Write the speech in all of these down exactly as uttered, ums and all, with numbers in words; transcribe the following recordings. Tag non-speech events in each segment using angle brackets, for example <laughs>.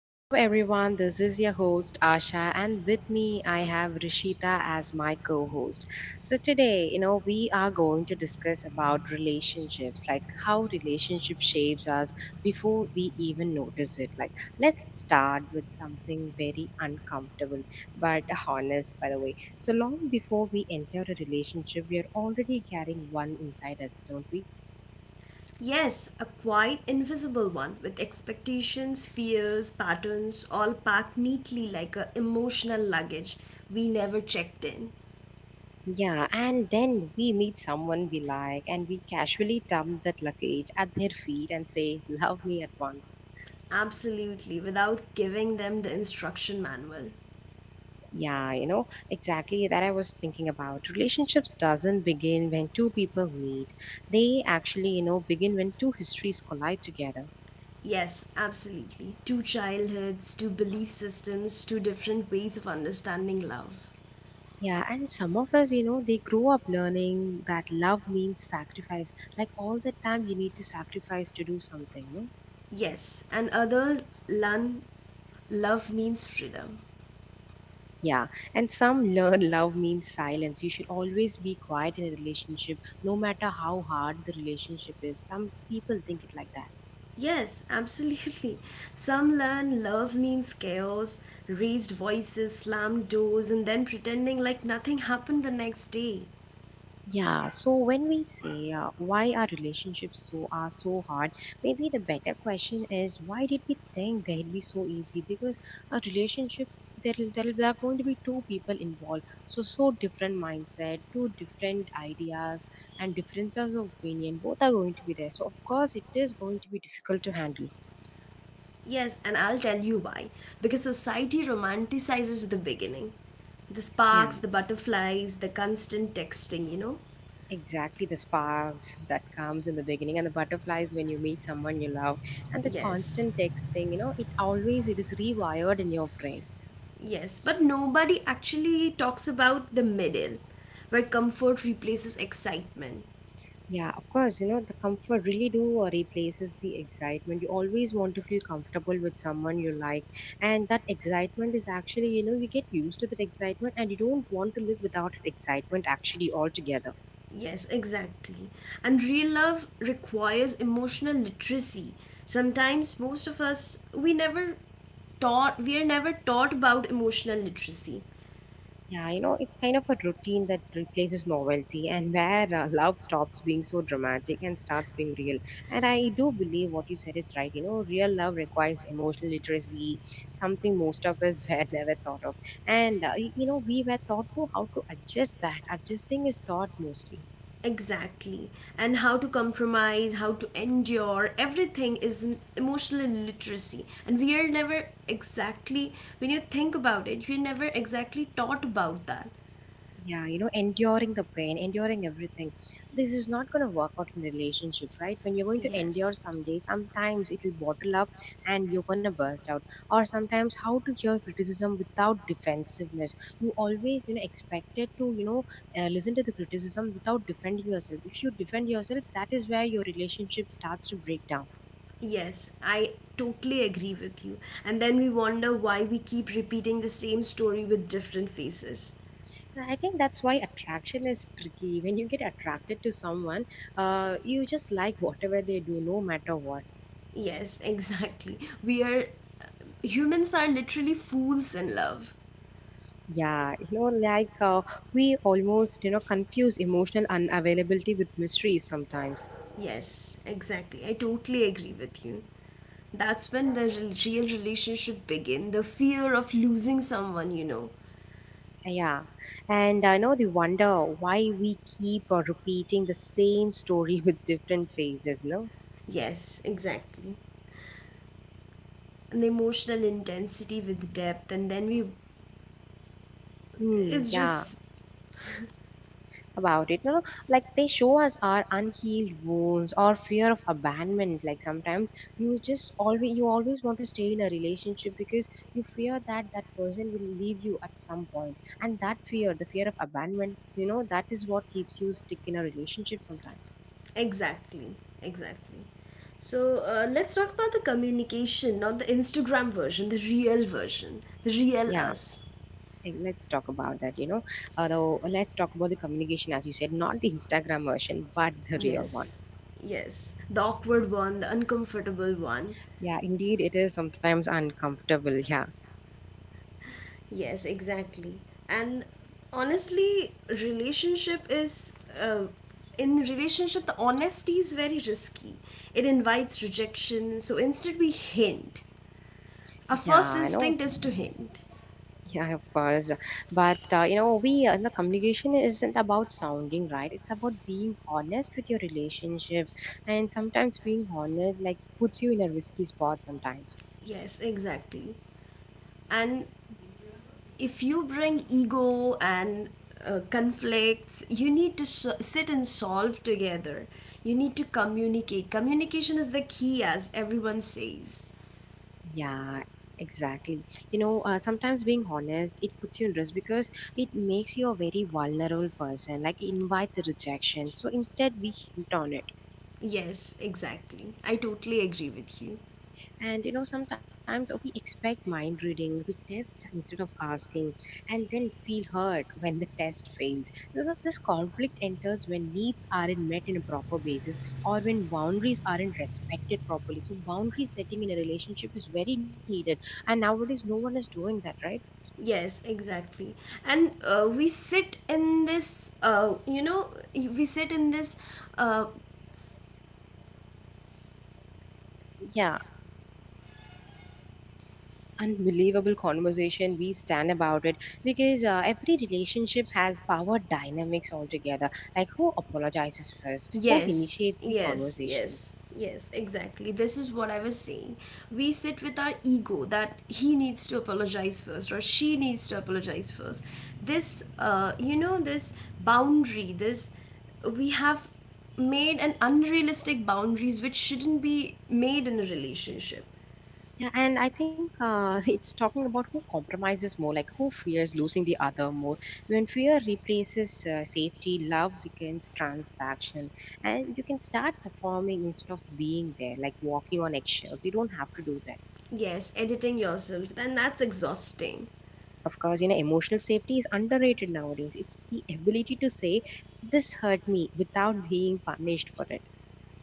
Hello, everyone. This is your host, Asha, and with me, I have Rishita as my co host. So, today, you know, we are going to discuss about relationships, like how relationship shapes us before we even notice it. Like, let's start with something very uncomfortable, but honest, by the way. So, long before we enter a relationship, we are already carrying one inside us, don't we? Yes, a quite invisible one with expectations, fears, patterns all packed neatly like a emotional luggage we never checked in. Yeah, and then we meet someone we like and we casually dump that luggage at their feet and say, Love me at once. Absolutely, without giving them the instruction manual. Yeah, you know, exactly that I was thinking about. Relationships doesn't begin when two people meet. They actually, you know, begin when two histories collide together. Yes, absolutely. Two childhoods, two belief systems, two different ways of understanding love. Yeah, and some of us, you know, they grow up learning that love means sacrifice. Like all the time you need to sacrifice to do something, no? Yes, and others learn love means freedom. Yeah, and some learn love means silence. You should always be quiet in a relationship, no matter how hard the relationship is. Some people think it like that. Yes, absolutely. Some learn love means chaos, raised voices, slammed doors, and then pretending like nothing happened the next day. Yeah, so when we say uh, why our relationships so are so hard, maybe the better question is why did we think they'd be so easy? Because a relationship there there are going to be two people involved, so so different mindset, two different ideas, and differences of opinion. Both are going to be there, so of course it is going to be difficult to handle. Yes, and I'll tell you why. Because society romanticizes the beginning. The sparks, the Yeah, butterflies, the constant texting, you know? exactly. The sparks that comes in the beginning and the butterflies when you meet someone you love and the Yes. constant text thing, you know, it always it is rewired in your brain. Yes, but nobody actually talks about the middle, where comfort replaces excitement. Yeah, of course, you know, the comfort really do uh, replaces the excitement. You always want to feel comfortable with someone you like. And that excitement is actually, you know, you get used to that excitement and you don't want to live without that excitement actually altogether. Yes, exactly. And real love requires emotional literacy. Sometimes most of us we never taught we are never taught about emotional literacy. Yeah, you know, it's kind of a routine that replaces novelty and where uh, love stops being so dramatic and starts being real. And I do believe what you said is right. You know, real love requires emotional literacy, something most of us <laughs> were never thought of. And, uh, y- you know, we were taught to how to adjust that. Adjusting is taught mostly. Exactly. And how to compromise, how to endure, everything is an emotional literacy. And we are never exactly when you think about it, we're never exactly taught about that. Yeah, you know, enduring the pain, enduring everything, this is not going to work out in relationship, right? When you're going to Yes. endure someday sometimes it'll bottle up and you're going to burst out. Or sometimes how to hear criticism without defensiveness. You always, you know, expected to, you know uh, listen to the criticism without defending yourself. If you defend yourself, that is where your relationship starts to break down. Yes, I totally agree with you. And then we wonder why we keep repeating the same story with different faces. I think that's why attraction is tricky. When you get attracted to someone, uh, you just like whatever they do no matter what. Yes, <laughs> exactly. We are uh, Humans are literally fools in love. Yeah, you know, like uh, we almost, you know, confuse emotional unavailability with mysteries sometimes. Yes, exactly. I totally agree with you. That's when the re- real relationship begin. The fear of losing someone, you know. Yeah. And I know the wonder why we keep uh, repeating the same story <laughs> with different phases, no? Yes, exactly. And the emotional intensity with depth, and then we, Hmm. it's Yeah. just About it, you know, like they show us our unhealed wounds or fear of abandonment, like sometimes you just always, you always want to stay in a relationship because you fear that that person will leave you at some point, and that fear, the fear of abandonment, you know, that is what keeps you stick in a relationship sometimes. exactly, exactly. So, uh, let's talk about the communication, not the Instagram version, the real version, the real Yeah. us. Eh, let's talk about that, you know, although let's talk about the communication, as you said, not the Instagram version but the real one. Yes, yes. The awkward one, the uncomfortable one. Yeah, indeed it is sometimes uncomfortable, yeah. Yes, exactly. And honestly, relationship is. Uh, in relationship, the honesty is very risky. It invites rejection, so instead, we hint. Our Yeah, I first know. instinct is to hint. Yeah, of course. But uh, you know, we uh, in the communication isn't about sounding right. It's about being honest with your relationship, and sometimes being honest like puts you in a risky spot sometimes. Yes, exactly. And if you bring ego and uh, conflicts, you need to s sit and solve together. You need to communicate. Communication is the key, as everyone says. Yeah, exactly. You know, uh, sometimes being honest it puts you in risk because it makes you a very vulnerable person. Like it invites rejection. So instead, we hint on it. Yes, exactly. I totally agree with you. And you know, sometimes oh, we expect mind reading, we test instead of asking, and then feel hurt when the test fails. So so this conflict enters when needs aren't met in a proper basis or when boundaries aren't respected properly. So boundary setting in a relationship is very needed. And nowadays no one is doing that, right? Yes, exactly. And uh, we sit in this, uh, you know, we sit in this uh, Yeah. Unbelievable conversation. We stand about it because uh, every relationship has power dynamics altogether, like who apologizes first, who Yes, initiates the yes, conversations. yes, yes, exactly. This is what I was saying. We sit with our ego that he needs to apologize first or she needs to apologize first. This, uh, you know, this boundary, this, we have made an unrealistic boundaries which shouldn't be made in a relationship. Yeah, and I think uh, <laughs> it's talking about who compromises more, like who fears losing the other more. When fear replaces uh, safety, love becomes transaction, and you can start performing instead of being there, like walking on eggshells. You don't have to do that. Yes, editing yourself, then that's exhausting. Of course, you know, emotional safety is underrated nowadays. It's the ability to say, This hurt me without being punished for it.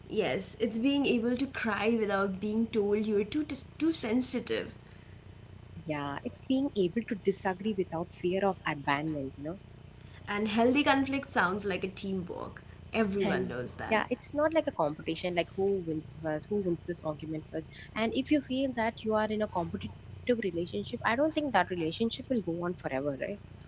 Yes, it's being able to cry without being told you're too too sensitive. Yeah, it's being able to disagree without fear of abandonment, you know. And healthy conflict sounds like a teamwork. Everyone And knows that. yeah, it's not like a competition, like who wins the first, who wins this argument first. And if you feel that you are in a competitive relationship, I don't think that relationship will go on forever, right?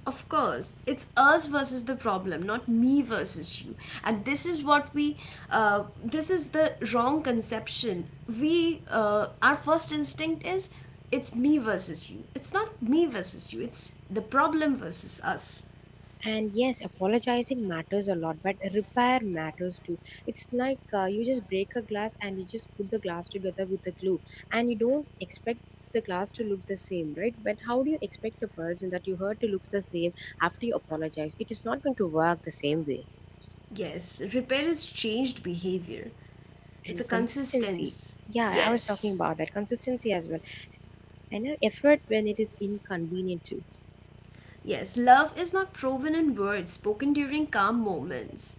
Of course, it's us versus the problem, not me versus you. And this is what we, uh, this is the wrong conception. We, uh, our first instinct is it's me versus you. It's not me versus you, it's the problem versus us. And yes, apologizing matters a lot, but repair matters too. It's like uh, you just break a glass and you just put the glass together with the glue, and you don't expect the glass to look the same, right? But how do you expect the person that you hurt to looks the same? After you apologize, it is not going to work the same way. Yes, repair is changed behavior. It's a And consistency, consistency. yeah, I was talking Yes. about that consistency as well. And uh, effort when it is inconvenient too. Yes, love is not proven in words spoken during calm moments.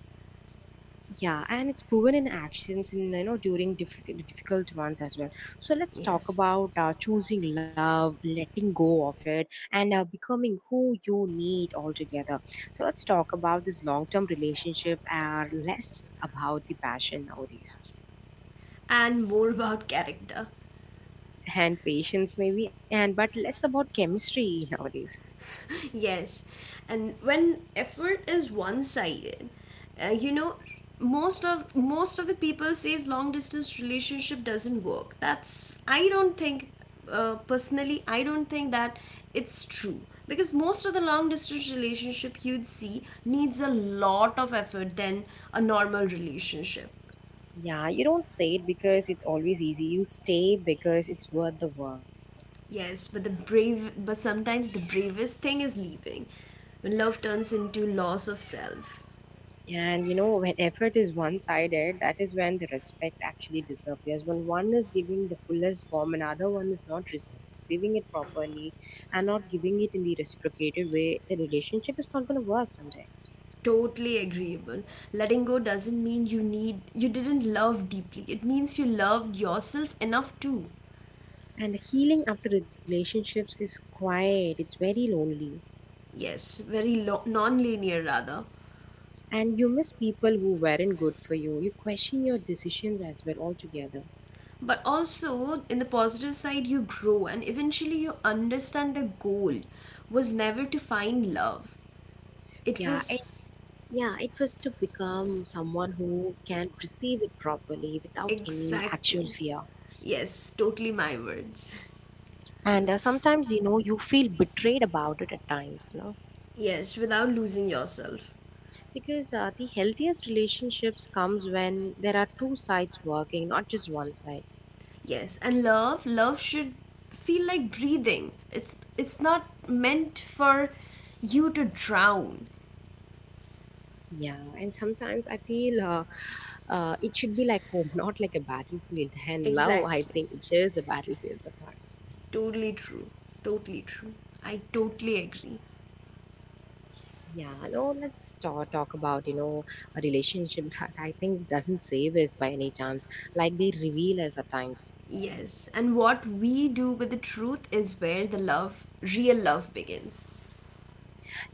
Yeah, and it's proven in actions, in you know, during difficult difficult ones as well. So let's talk Yes. about uh, choosing love, letting go of it, and uh, becoming who you need altogether. So let's talk about this long term relationship are less about the passion nowadays. And more about character. And patience maybe, and but less about chemistry <laughs> nowadays. <laughs> Yes, and when effort is one-sided, uh, you know, most of most of the people says long distance relationship doesn't work. That's I don't think uh, personally I don't think that it's true because most of the long distance relationship you'd see needs a lot of effort than a normal relationship. Yeah, you don't say it because it's always easy. You stay because it's worth the work. Yes, but the brave but sometimes the bravest thing is leaving when love turns into loss of self. And you know, when effort is one sided, that is when the respect actually disappears. When one is giving the fullest form, another one is not receiving it properly and not giving it in the reciprocated way, the relationship is not going to work someday. Totally agreeable. Letting go doesn't mean you need you didn't love deeply. It means you loved yourself enough, too. And healing after relationships is quiet, it's very lonely. Yes, very lo- non-linear rather. And you miss people who weren't good for you. You question your decisions as well altogether. But also in the positive side, you grow and eventually you understand the goal was never to find love. It Yeah. was Yeah, it was to become someone who can receive it properly without any actual exactly. fear. Yes, totally my words. And uh, sometimes, you know, you feel betrayed about it at times, you know, Yes, without losing yourself. because uh, the healthiest relationships comes when there are two sides working, not just one side. Yes, and love, love should feel like breathing. It's it's not meant for you to drown. Yeah, and sometimes I feel uh, uh, it should be like home, <laughs> not like a battlefield. And love, I think Exactly. it is a battlefield sometimes. Totally true. Totally true. I totally agree. Yeah, no, let's start, talk about, you know, a relationship <laughs> that I think doesn't save us by any chance. Like they reveal us at times. Yes, and what we do with the truth is where the love, real love begins.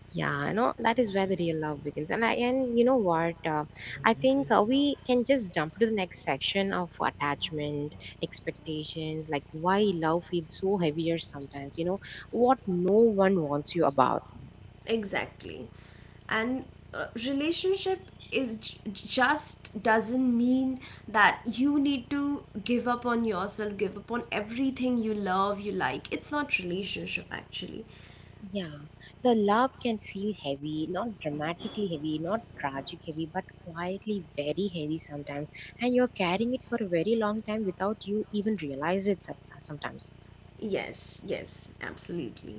Yeah, you know, that is where the real love begins. And I, and you know what? Uh, I think uh, we can just jump to the next section of attachment, expectations, like why love feels so heavier sometimes, you know, what no one wants you about. Exactly. And uh, relationship is j- just doesn't mean that you need to give up on yourself, give up on everything you love, you like. It's not relationship actually. Yeah, the love can feel heavy, not dramatically heavy, not tragic heavy, but quietly very heavy sometimes. And you're carrying it for a very long time without you even realize it some- sometimes. Yes, yes, absolutely.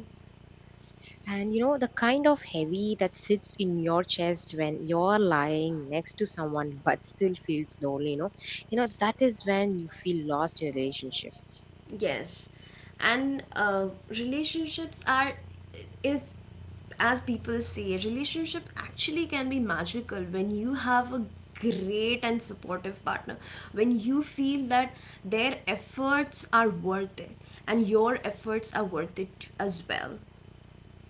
And you know, the kind of heavy that sits in your chest when you're lying next to someone but still feels lonely, you know, you know, that is when you feel lost in a relationship. Yes, and uh, relationships are it's, as people say, relationship actually can be magical when you have a great and supportive partner. When you feel that their efforts are worth it and your efforts are worth it as well.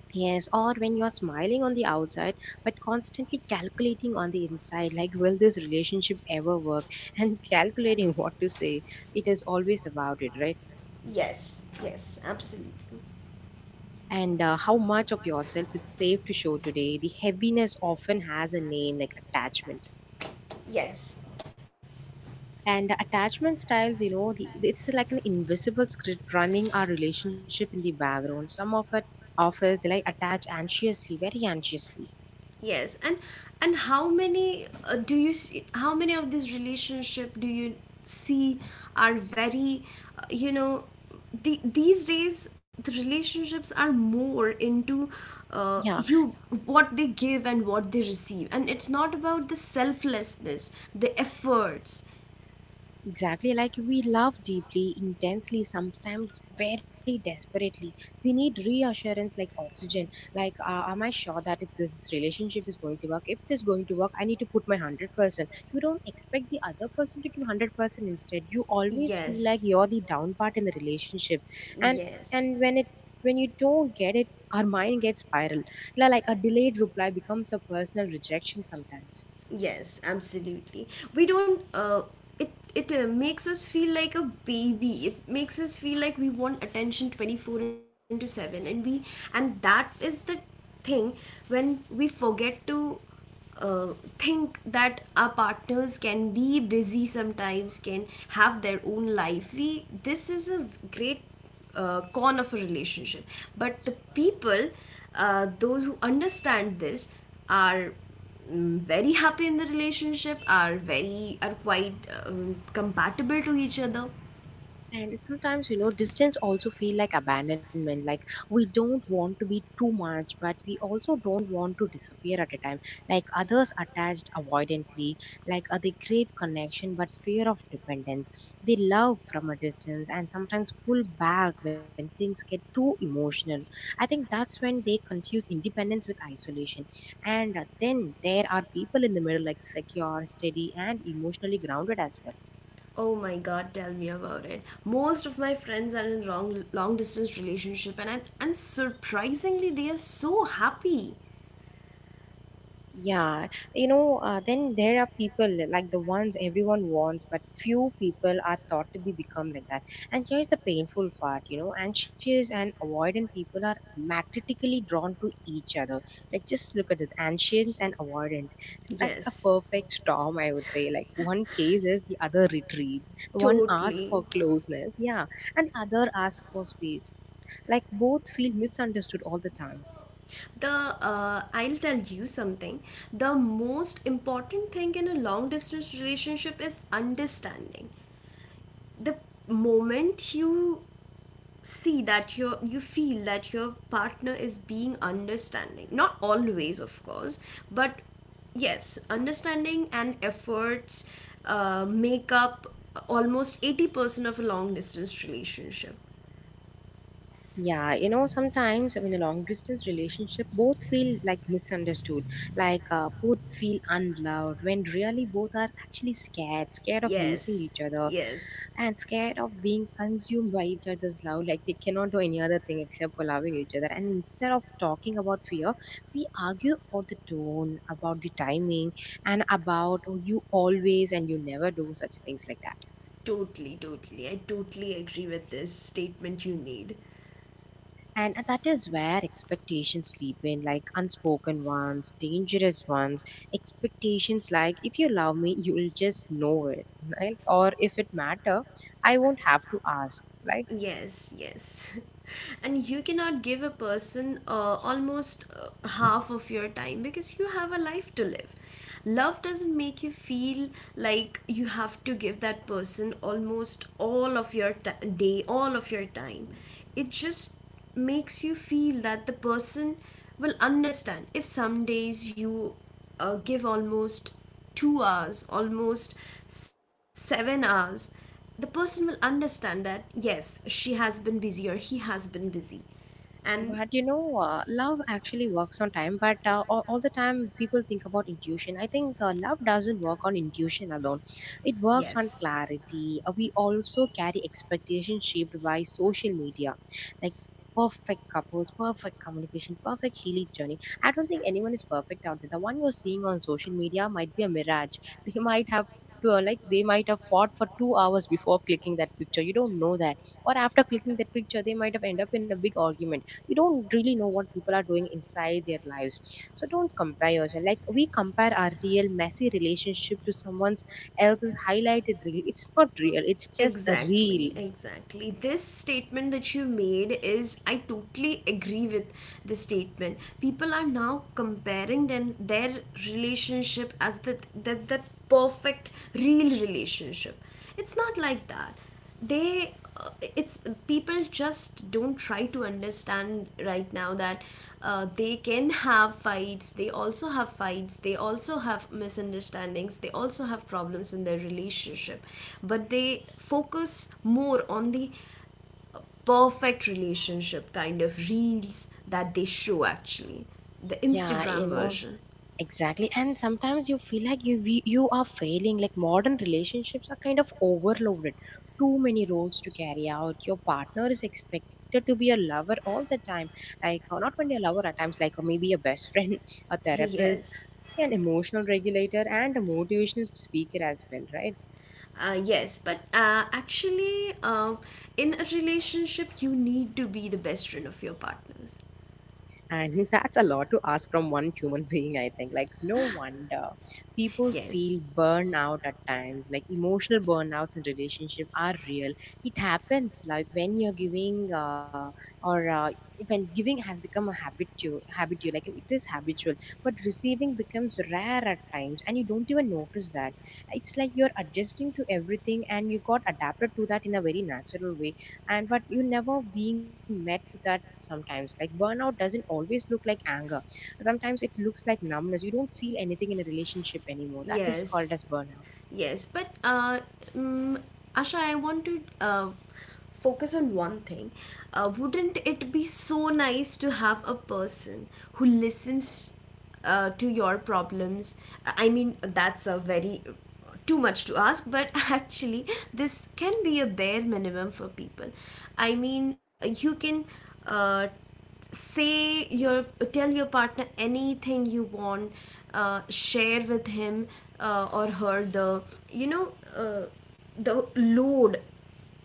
Yes, or when you're smiling on the outside but constantly calculating on the inside, like, will this relationship ever work? And <laughs> calculating what to say. It is always about it, right? Yes, yes, absolutely. And uh, how much of yourself is safe to show today? The heaviness often has a name like attachment. Yes. And attachment styles, you know, the, it's like an invisible script running our relationship in the background. Some of it offers like attach anxiously, very anxiously. Yes, and and how many uh, do you see? How many of these relationship do you see are very, uh, you know, the, these days the relationships are more into uh, Yeah. you what they give and what they receive, and it's not about the selflessness, the efforts, Exactly, like we love deeply, intensely, sometimes very desperately. We need reassurance like oxygen. Like, uh, am I sure that it- this relationship is going to work? If it is going to work, I need to put my one hundred percent. You don't expect the other person to give one hundred percent instead. You always feel like Yes. you're the down part in the relationship. And, and when Yes. it when you don't get it, our mind gets spiral. Like a delayed reply becomes a personal rejection sometimes. Yes, absolutely. We don't. Uh, it it uh, makes us feel like a baby. It makes us feel like we want attention twenty four into seven, and we and that is the thing when we forget to uh, think that our partners can be busy sometimes, can have their own life. We This is a v- great uh, con of a relationship. But the people, uh, those who understand this, are mm, very happy in the relationship, are very are quite um, compatible to each other. And sometimes you know distance also feel like abandonment. Like we don't want to be too much, but we also don't want to disappear at a time. Like others attached avoidantly. Like uh, they crave connection but fear of dependence. They love from a distance and sometimes pull back when things get too emotional. I think that's when they confuse independence with isolation. And uh, then there are people in the middle, like secure, steady, and emotionally grounded as well. Oh my god, tell me about it. Most of my friends are in long long distance relationship, and I'm, and surprisingly they are so happy. Yeah, you know, uh, then there are people like the ones everyone wants, but few people are thought to be become like that. And here's the painful part, you know, anxious and avoidant people are magnetically drawn to each other. Like just look at it, anxious and avoidant. That's a Yes, perfect storm, I would say. Like one chases, the other retreats. One asks <laughs> totally. for closeness, yeah, and the other asks for space. Like both feel misunderstood all the time. The uh, I'll tell you something. The most important thing in a long distance relationship is understanding. The moment you see that you you feel that your partner is being understanding, not always of course, but yes, understanding and efforts uh, make up almost eighty percent of a long distance relationship. Yeah, you know, sometimes, I mean, a long distance relationship, both feel like misunderstood, like uh, both feel unloved when really both are actually scared, scared of losing Yes, each other yes, and scared of being consumed by each other's love. Like they cannot do any other thing except for loving each other. And instead of talking about fear, we argue about the tone, about the timing, and about, oh, you always and you never do such things like that. totally totally I totally agree with this statement you made. And that is where expectations creep in, like unspoken ones, dangerous ones. Expectations like, if you love me, you'll just know it. Like, or if it matter, I won't have to ask. Like, Yes, yes. <laughs> And you cannot give a person uh, almost uh, half of your time because you have a life to live. Love doesn't make you feel like you have to give that person almost all of your t- day, all of your time. It just makes you feel that the person will understand. If some days you uh, give almost two hours, almost seven hours, the person will understand that yes, she has been busy or he has been busy and but you know, uh, love actually works on time, but uh, all, all the time people think about intuition. I think uh, love doesn't work on intuition alone, it works on Yes. clarity. Uh, we also carry expectations shaped by social media, like perfect couples, perfect communication, perfect healing journey. I don't think anyone is perfect out there. The one you're seeing on social media might be a mirage. <laughs> They might have to, uh, like they might have fought for two hours before clicking that picture. You don't know that. Or after clicking that picture, they might have ended up in a big argument. We don't really know what people are doing inside their lives, so don't compare yourself. Like we compare our real messy relationship to someone's else's highlighted reel. It's not real, it's just a Exactly, reel. exactly. This statement that you made is, I totally agree with the statement. People are now comparing them their relationship as that that's that perfect real relationship. It's not like that. They uh, It's people just don't try to understand right now that uh, they can have fights, they also have fights, they also have misunderstandings, they also have problems in their relationship, but they focus more on the perfect relationship kind of reels that they show actually, the Yeah, you Instagram know, version. exactly. And sometimes you feel like you we- you are failing. Like modern relationships are kind of overloaded, too many roles to carry out. Your partner is expected to be a lover all the time, like or not only a lover at times, like or maybe a best friend, <laughs> a <laughs> therapist, Yes. an emotional regulator, and a motivational speaker as well, right? Uh, yes, but uh, actually, um, in a relationship, you need to be the best friend of your partners. And <laughs> that's a lot to ask from one human <laughs> being, I think. Like, no wonder people Yes, feel burnout at times. Like, emotional burnouts in relationship are real. It happens, like, when you're giving uh, or uh, when giving has become a habitual, habitual, like it is habitual, but receiving becomes rare at times, and you don't even notice that. It's like you're adjusting to everything, and you got adapted to that in a very natural way, and but you never being met with that sometimes. Like burnout doesn't always look like anger. Sometimes it looks like numbness. You don't feel anything in a relationship anymore. That is called yes, as burnout. yes, but uh, mm, Asha, I want to uh, focus on one thing. Uh, wouldn't it be so nice to have a person who listens uh, to your problems? I mean, that's a very too much to ask, but <laughs> actually, this can be a bare minimum for people. I mean, uh, you can uh, say your tell your partner anything you want. Uh, share with him uh, or her the you know uh, the load.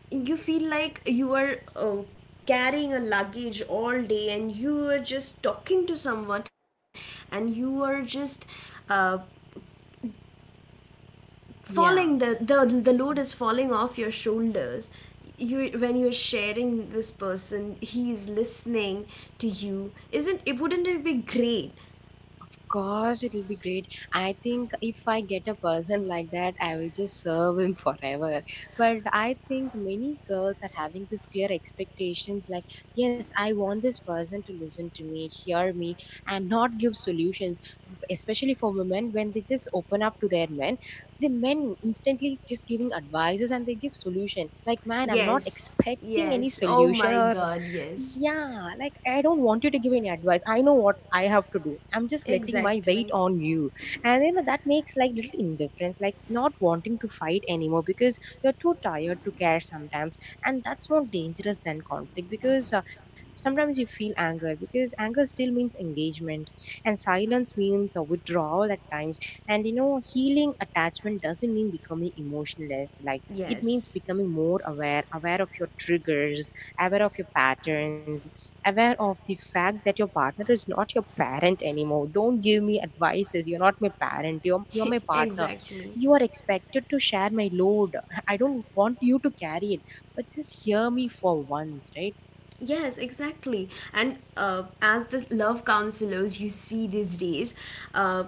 You feel like you are uh, carrying a luggage all day, and you are just talking to someone, and you are just uh, falling, Yeah. the, the the load is falling off your shoulders. You when you're sharing, this person he is listening to you, isn't it? Wouldn't it be great? Of course, it'll be great. I think if I get a person like that, I will just serve him <laughs> forever. But I think many girls are having this clear expectations like, yes, I want this person to listen to me, hear me, and not give solutions. Especially for women, when they just open up to their men, the men instantly just giving advices and they give solution. Like, man, I'm not Yes, expecting any yes. Oh solution, my or god, yes. yeah, like I don't want you to give any advice. I know what I have to do. I'm just letting my weight Exactly. on you. And then that makes like little indifference, like not wanting to fight anymore because you're too tired to care sometimes. And that's more dangerous than conflict because uh, sometimes you feel anger because anger still means engagement and silence means uh, withdrawal at times. And you know, healing attachment doesn't mean becoming emotionless. Like it means Yes. becoming more aware, aware of your triggers, aware of your patterns, aware of the fact that your partner is not your parent anymore. Don't give me advices. You're not my parent. You're, you're my <laughs> partner. exactly. You are expected to share my load. I don't want you to carry it, but just hear me for once, right? Yes, exactly. And uh, as the love counselors you see these days, uh,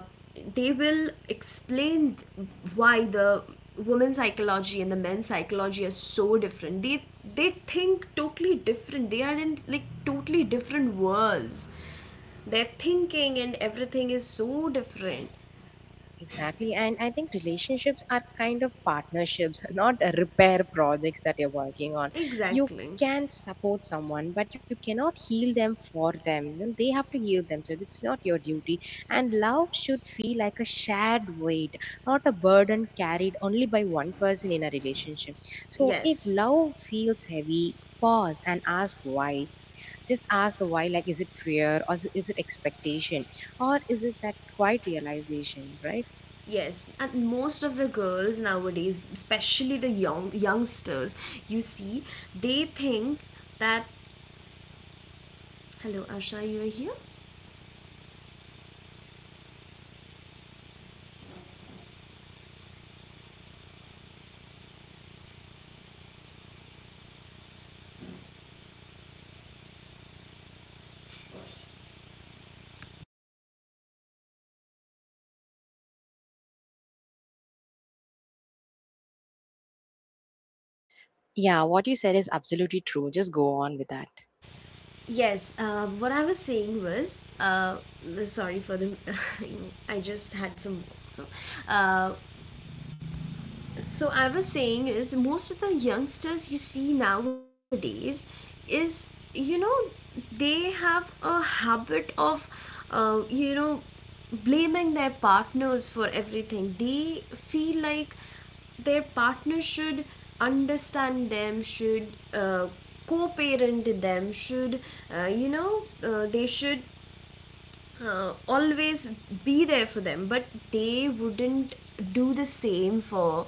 they will explain th- why the women's psychology and the men's psychology are so different. They they think totally different. They are in like totally different worlds. Their thinking and everything is so different. Exactly. And I think relationships are kind of partnerships, <laughs> not a repair projects that you're working on. You Exactly. can support someone, but you cannot heal them for them. You know, they have to heal themselves. It's not your duty. And love should feel like a shared weight, not a burden carried only by one person in a relationship. So if Yes, love feels heavy, pause and ask why. Just ask the why, like is it fear, or is it is it expectation, or is it that quiet realization, right? yes. And most of the girls nowadays, especially the young youngsters, you see, they think that. Hello Asha, you are here? Yeah, what you said is absolutely true. Just go on with that. Yes, uh, what I was saying was uh, sorry for the <laughs> I just had some work. So, uh, so I was saying is most of the youngsters you see nowadays is, you know they have a habit of uh, you know blaming their partners for everything. They feel like their partner should understand them, should uh, co-parent them, should uh, you know uh, they should uh, always be there for them, but they wouldn't do the same for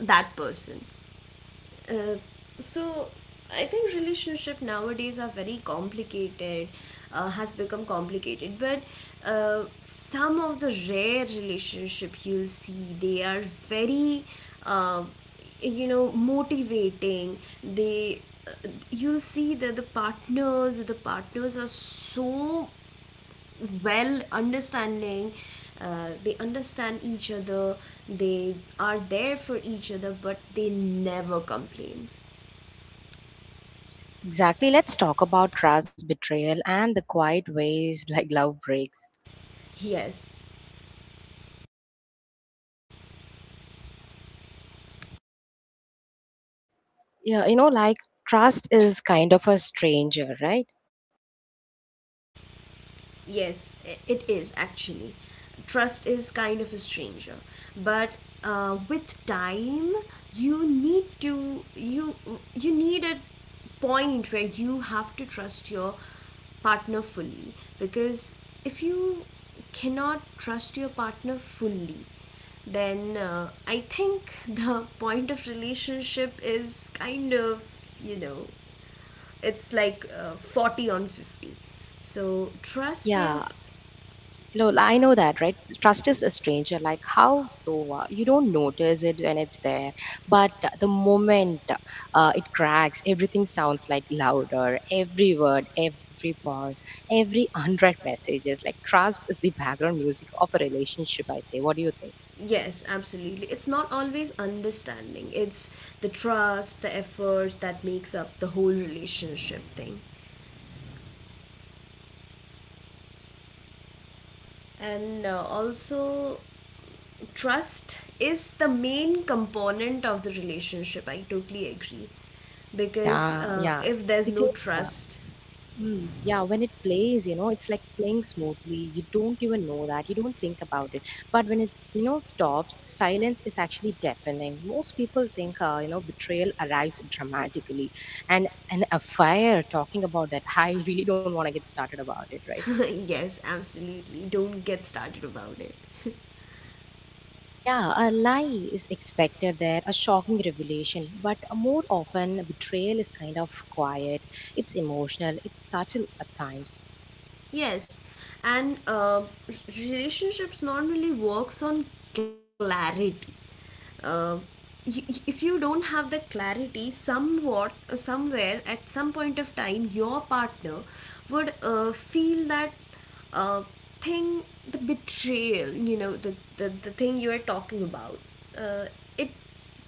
that person. uh, so I think relationship nowadays are very complicated, uh, has become complicated, but uh, some of the rare relationship you'll see, they are very uh, you know motivating. They uh, You'll see that the partners the partners are so well understanding. Uh, they understand each other. They are there for each other, but they never complains. Exactly. Let's talk about trust, betrayal, and the quiet ways <laughs> like love breaks. Yes. Yeah, you know, like trust is kind of a stranger, right? Yes, i- it is actually. Trust is kind of a stranger, but uh, with time, you need to you you need a point where you have to trust your partner fully, because if you cannot trust your partner fully, then uh, I think <laughs> the point of relationship is kind of you know it's like uh, forty on fifty. So trust Yeah, is no, I know that, right? Trust is a stranger. Like, how so? Uh, you don't notice it when it's there. But uh, the moment uh, it cracks, everything sounds like louder. Every word, every pause, every <laughs> unread messages. Like, trust is the background music of a relationship, I say. What do you think? yes, absolutely. It's not always understanding, it's the trust, the efforts that makes up the whole relationship thing. And uh, also, trust is the main component of the relationship. I totally agree, because Yeah, uh, yeah. if there's no Because uh, trust. Mm, yeah, when it plays, you know, it's like playing smoothly. You don't even know that. You don't think about it. But when it, you know, stops, the silence is actually deafening. Most people think, uh, you know, betrayal arrives dramatically. And an affair, talking about that, <laughs> I really don't want to get started about it, right? <laughs> Yes, absolutely, don't get started about it. <laughs> And yeah, a lie is expected there, a shocking revelation. But more often, betrayal is kind of quiet, it's emotional, it's subtle at times. Yes, and uh, relationships normally works on clarity. Uh, y- y- if you don't have the clarity, somewhat, uh, somewhere, at some point of time, your partner would uh, feel that uh, thing, the betrayal. You know, the the, the thing you are talking about. Uh, it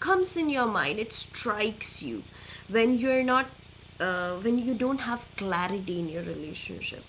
comes in your mind. It strikes you when you're not uh, when you don't have clarity in your relationship.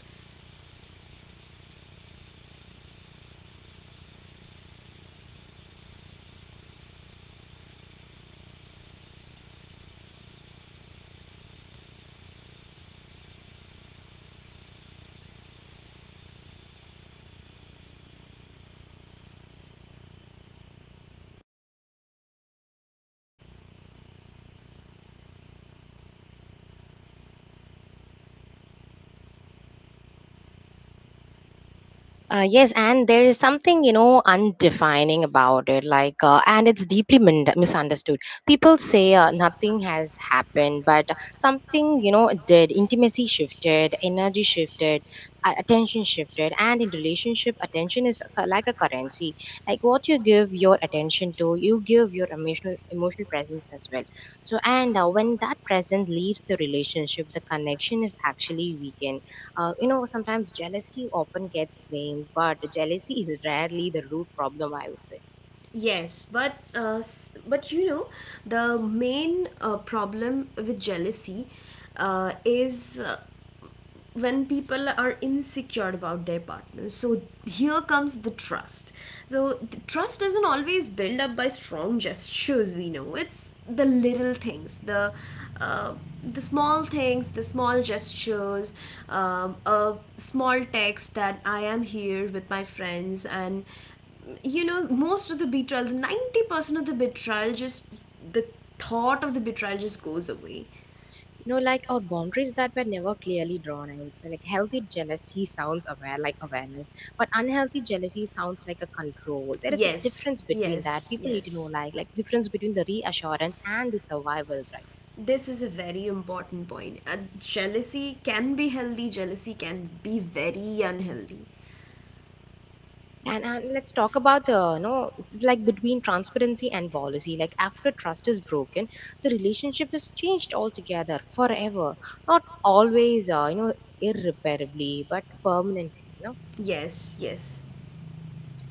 Uh, yes, and there is something, you know, undefining about it, like, uh, and it's deeply min- misunderstood. People say uh, nothing has happened, but something, you know, did. Intimacy shifted, energy shifted, uh, attention shifted, and in relationship, attention is a cu- like a currency. Like what you give your attention to, you give your emotional emotional presence as well. So, and uh, when that presence leaves the relationship, the connection is actually weakened. Uh, you know, sometimes jealousy often gets blamed, but jealousy is rarely the root problem, I would say. Yes, but uh, s- but you know the main uh, problem with jealousy uh, is uh, when people are insecure about their partners, so here comes the trust. So the trust isn't always built up by strong gestures, we know it's the little things, the uh, the small things, the small gestures, um, a small text that I am here with my friends, and you know most of the betrayal, the ninety percent of the betrayal, just the thought of the betrayal just goes away. You know, like our boundaries that were never clearly drawn, I would say. Like healthy jealousy sounds aware, like awareness, but unhealthy jealousy sounds like a control. There is a Yes, difference between that. yes, People need to know, yes. like, like difference between the reassurance and the survival, right? This is a very important point. Uh, jealousy can be healthy, jealousy can be very unhealthy. And, and let's talk about the, you know, it's like between transparency and policy. Like after trust is broken, the relationship is changed altogether, forever. Not always, uh, you know, irreparably, but permanently. You know, Yes, yes.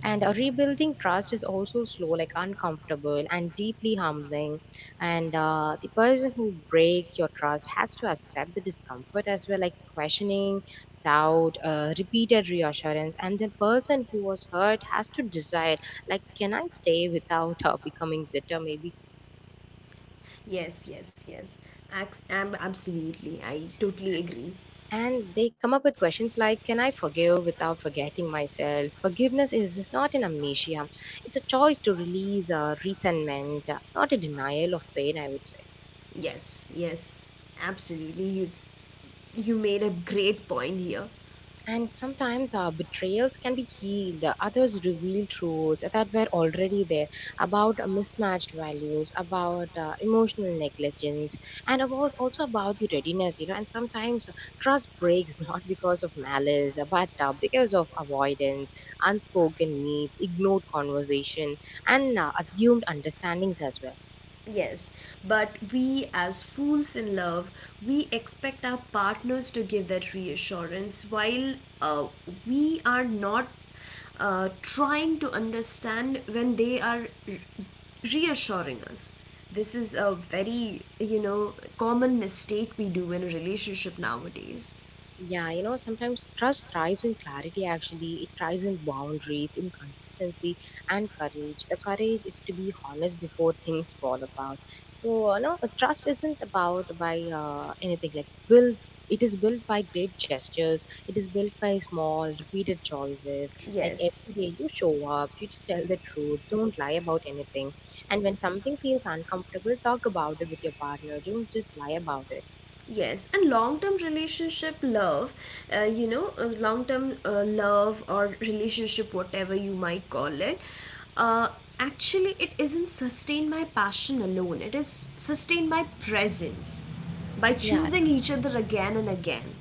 and uh, rebuilding trust is also slow, like uncomfortable and deeply humbling. And uh, the person who breaks your trust has to accept the discomfort as well, like questioning, doubt, uh, repeated reassurance. And the person who was hurt has to decide, like, can I stay without uh, becoming bitter, maybe? Yes, yes, yes. Ax- am Absolutely. I totally agree. And they come up with questions like, can I forgive without forgetting myself? Forgiveness is not an amnesia. It's a choice to release uh, resentment, uh, not a denial of pain, I would say. Yes, yes, absolutely. You, you made a great point here. And sometimes our betrayals can be healed. Others reveal truths that were already there about uh, mismatched values, about uh, emotional negligence, and about also about the readiness. You know, and sometimes uh, trust breaks <laughs> not because of malice, but uh, because of avoidance, unspoken needs, ignored conversation, and uh, assumed understandings as well. Yes, but we, as fools in love, we expect our partners to give that reassurance while uh, we are not uh, trying to understand when they are re- reassuring us. This is a very, you know, common mistake we do in a relationship nowadays. Yeah, you know, sometimes trust thrives in clarity actually. It thrives in boundaries, in consistency, and courage. The courage is to be honest before things fall apart. So, uh, no, trust isn't about by uh, anything like build. It is built by great gestures. It is built by small, repeated choices. Like every Yes. day you show up, you just tell the truth, don't lie about anything. And when something feels uncomfortable, talk about it with your partner. Don't just lie about it. Yes, and long term relationship love, uh, you know, long term uh, love or relationship, whatever you might call it, uh, actually, it isn't sustained by passion alone, it is sustained by presence, by Yeah, choosing each other again and again.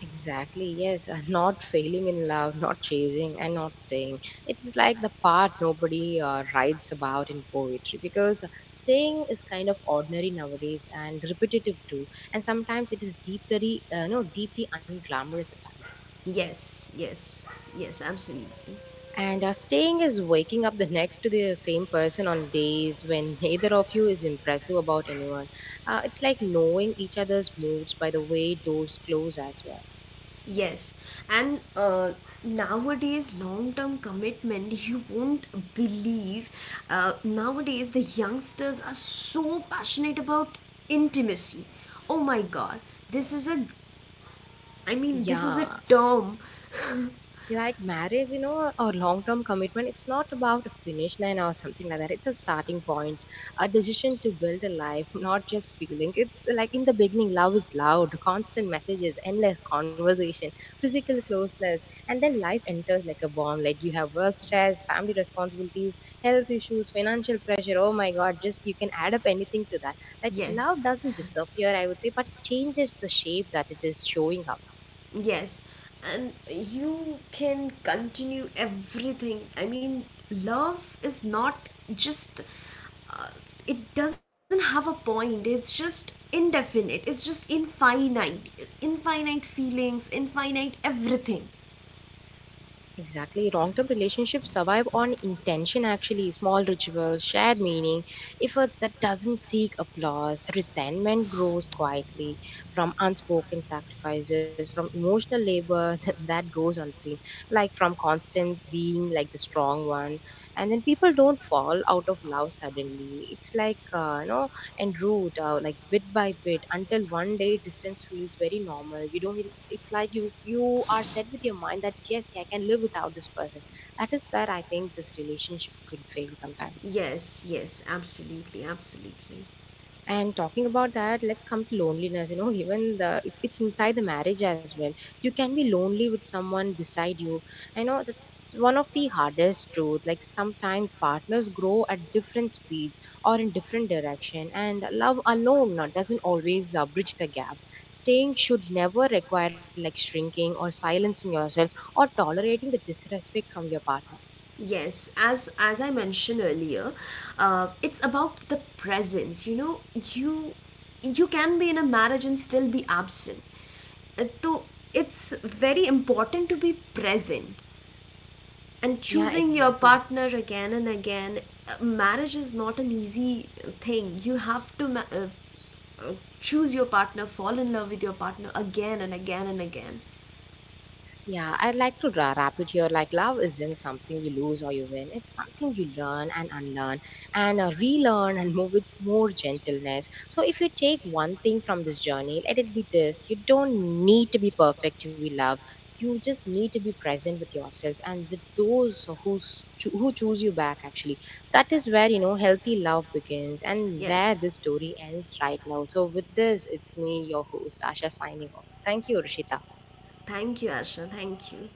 exactly, yes. And not failing in love, not chasing, and not staying. It is like the part nobody uh, writes about in poetry because staying is kind of ordinary nowadays and repetitive too. And sometimes it is deeply, uh, no, deeply unglamorous at times. Yes, yes, yes, absolutely. And uh, staying is waking up the next to the same person on days when <laughs> neither of you is impressive about anyone. Uh, it's like knowing each other's moods by the way doors close as well. Yes, and uh, nowadays, long term commitment, <laughs> you won't believe. Uh, nowadays, the youngsters are so passionate about intimacy. Oh my god, this is a, I mean, this is a Yeah, term. <laughs> like marriage, you know, or long term commitment, it's not about a finish line or something like that. It's a starting point, a decision to build a life, <laughs> not just feeling. It's like in the beginning, love is loud, constant messages, endless conversation, physical closeness. And then life enters like a bomb. Like you have work stress, family responsibilities, health issues, financial pressure. Oh my god, just you can add up anything to that. Like love yes. doesn't disappear, I would say, but it changes the shape that it is showing up. <laughs> Yes, and you can continue everything. I mean, love is not just, uh, it doesn't have a point, it's just indefinite, it's just infinite, infinite feelings, infinite everything. Exactly. Long term relationships survive on intention, actually. Small rituals, shared meaning, efforts that doesn't seek applause. Resentment grows quietly from unspoken sacrifices, from emotional labor <laughs> that goes unseen, like from constant being like the strong one. And then people don't fall out of love suddenly. It's like, uh, you know, and root out like bit by bit until one day distance feels very normal. You don't really, it's like you you are set with your mind that yes, yeah, I can live without this person. That is where I think this relationship could fail sometimes. Yes, yes, absolutely, absolutely. And talking about that, let's come to loneliness. You know, even the it's it's inside the marriage as well. You can be lonely with someone beside you. I know that's one of the hardest truth. Like sometimes partners grow at different speeds or in different direction, and love alone not- doesn't always uh, bridge the gap. Staying should never require like shrinking or silencing yourself or tolerating the disrespect from your partner. Yes, as as I mentioned earlier, uh, it's about the presence. You know, you you can be in a marriage and still be absent. Uh, So it's very important to be present and Yeah, choosing your exactly. partner again and again. Uh, marriage is not an easy thing. You have to ma- uh, uh, choose your partner, fall in love with your partner again and again and again. Yeah, I'd like to ra- wrap it here. Like, love isn't something you lose or you win. It's something you learn and unlearn and uh, relearn and move with more gentleness. So, if you take one thing from this journey, let it be this: you don't need to be perfect to be loved. You just need to be present with yourself and with those who, cho- who choose you back, actually. That is where, you know, healthy love begins and where Yes. this story ends right now. So, with this, it's me, your host, Asha, signing off. Thank you, Rishita. Thank you, Asha. Thank you.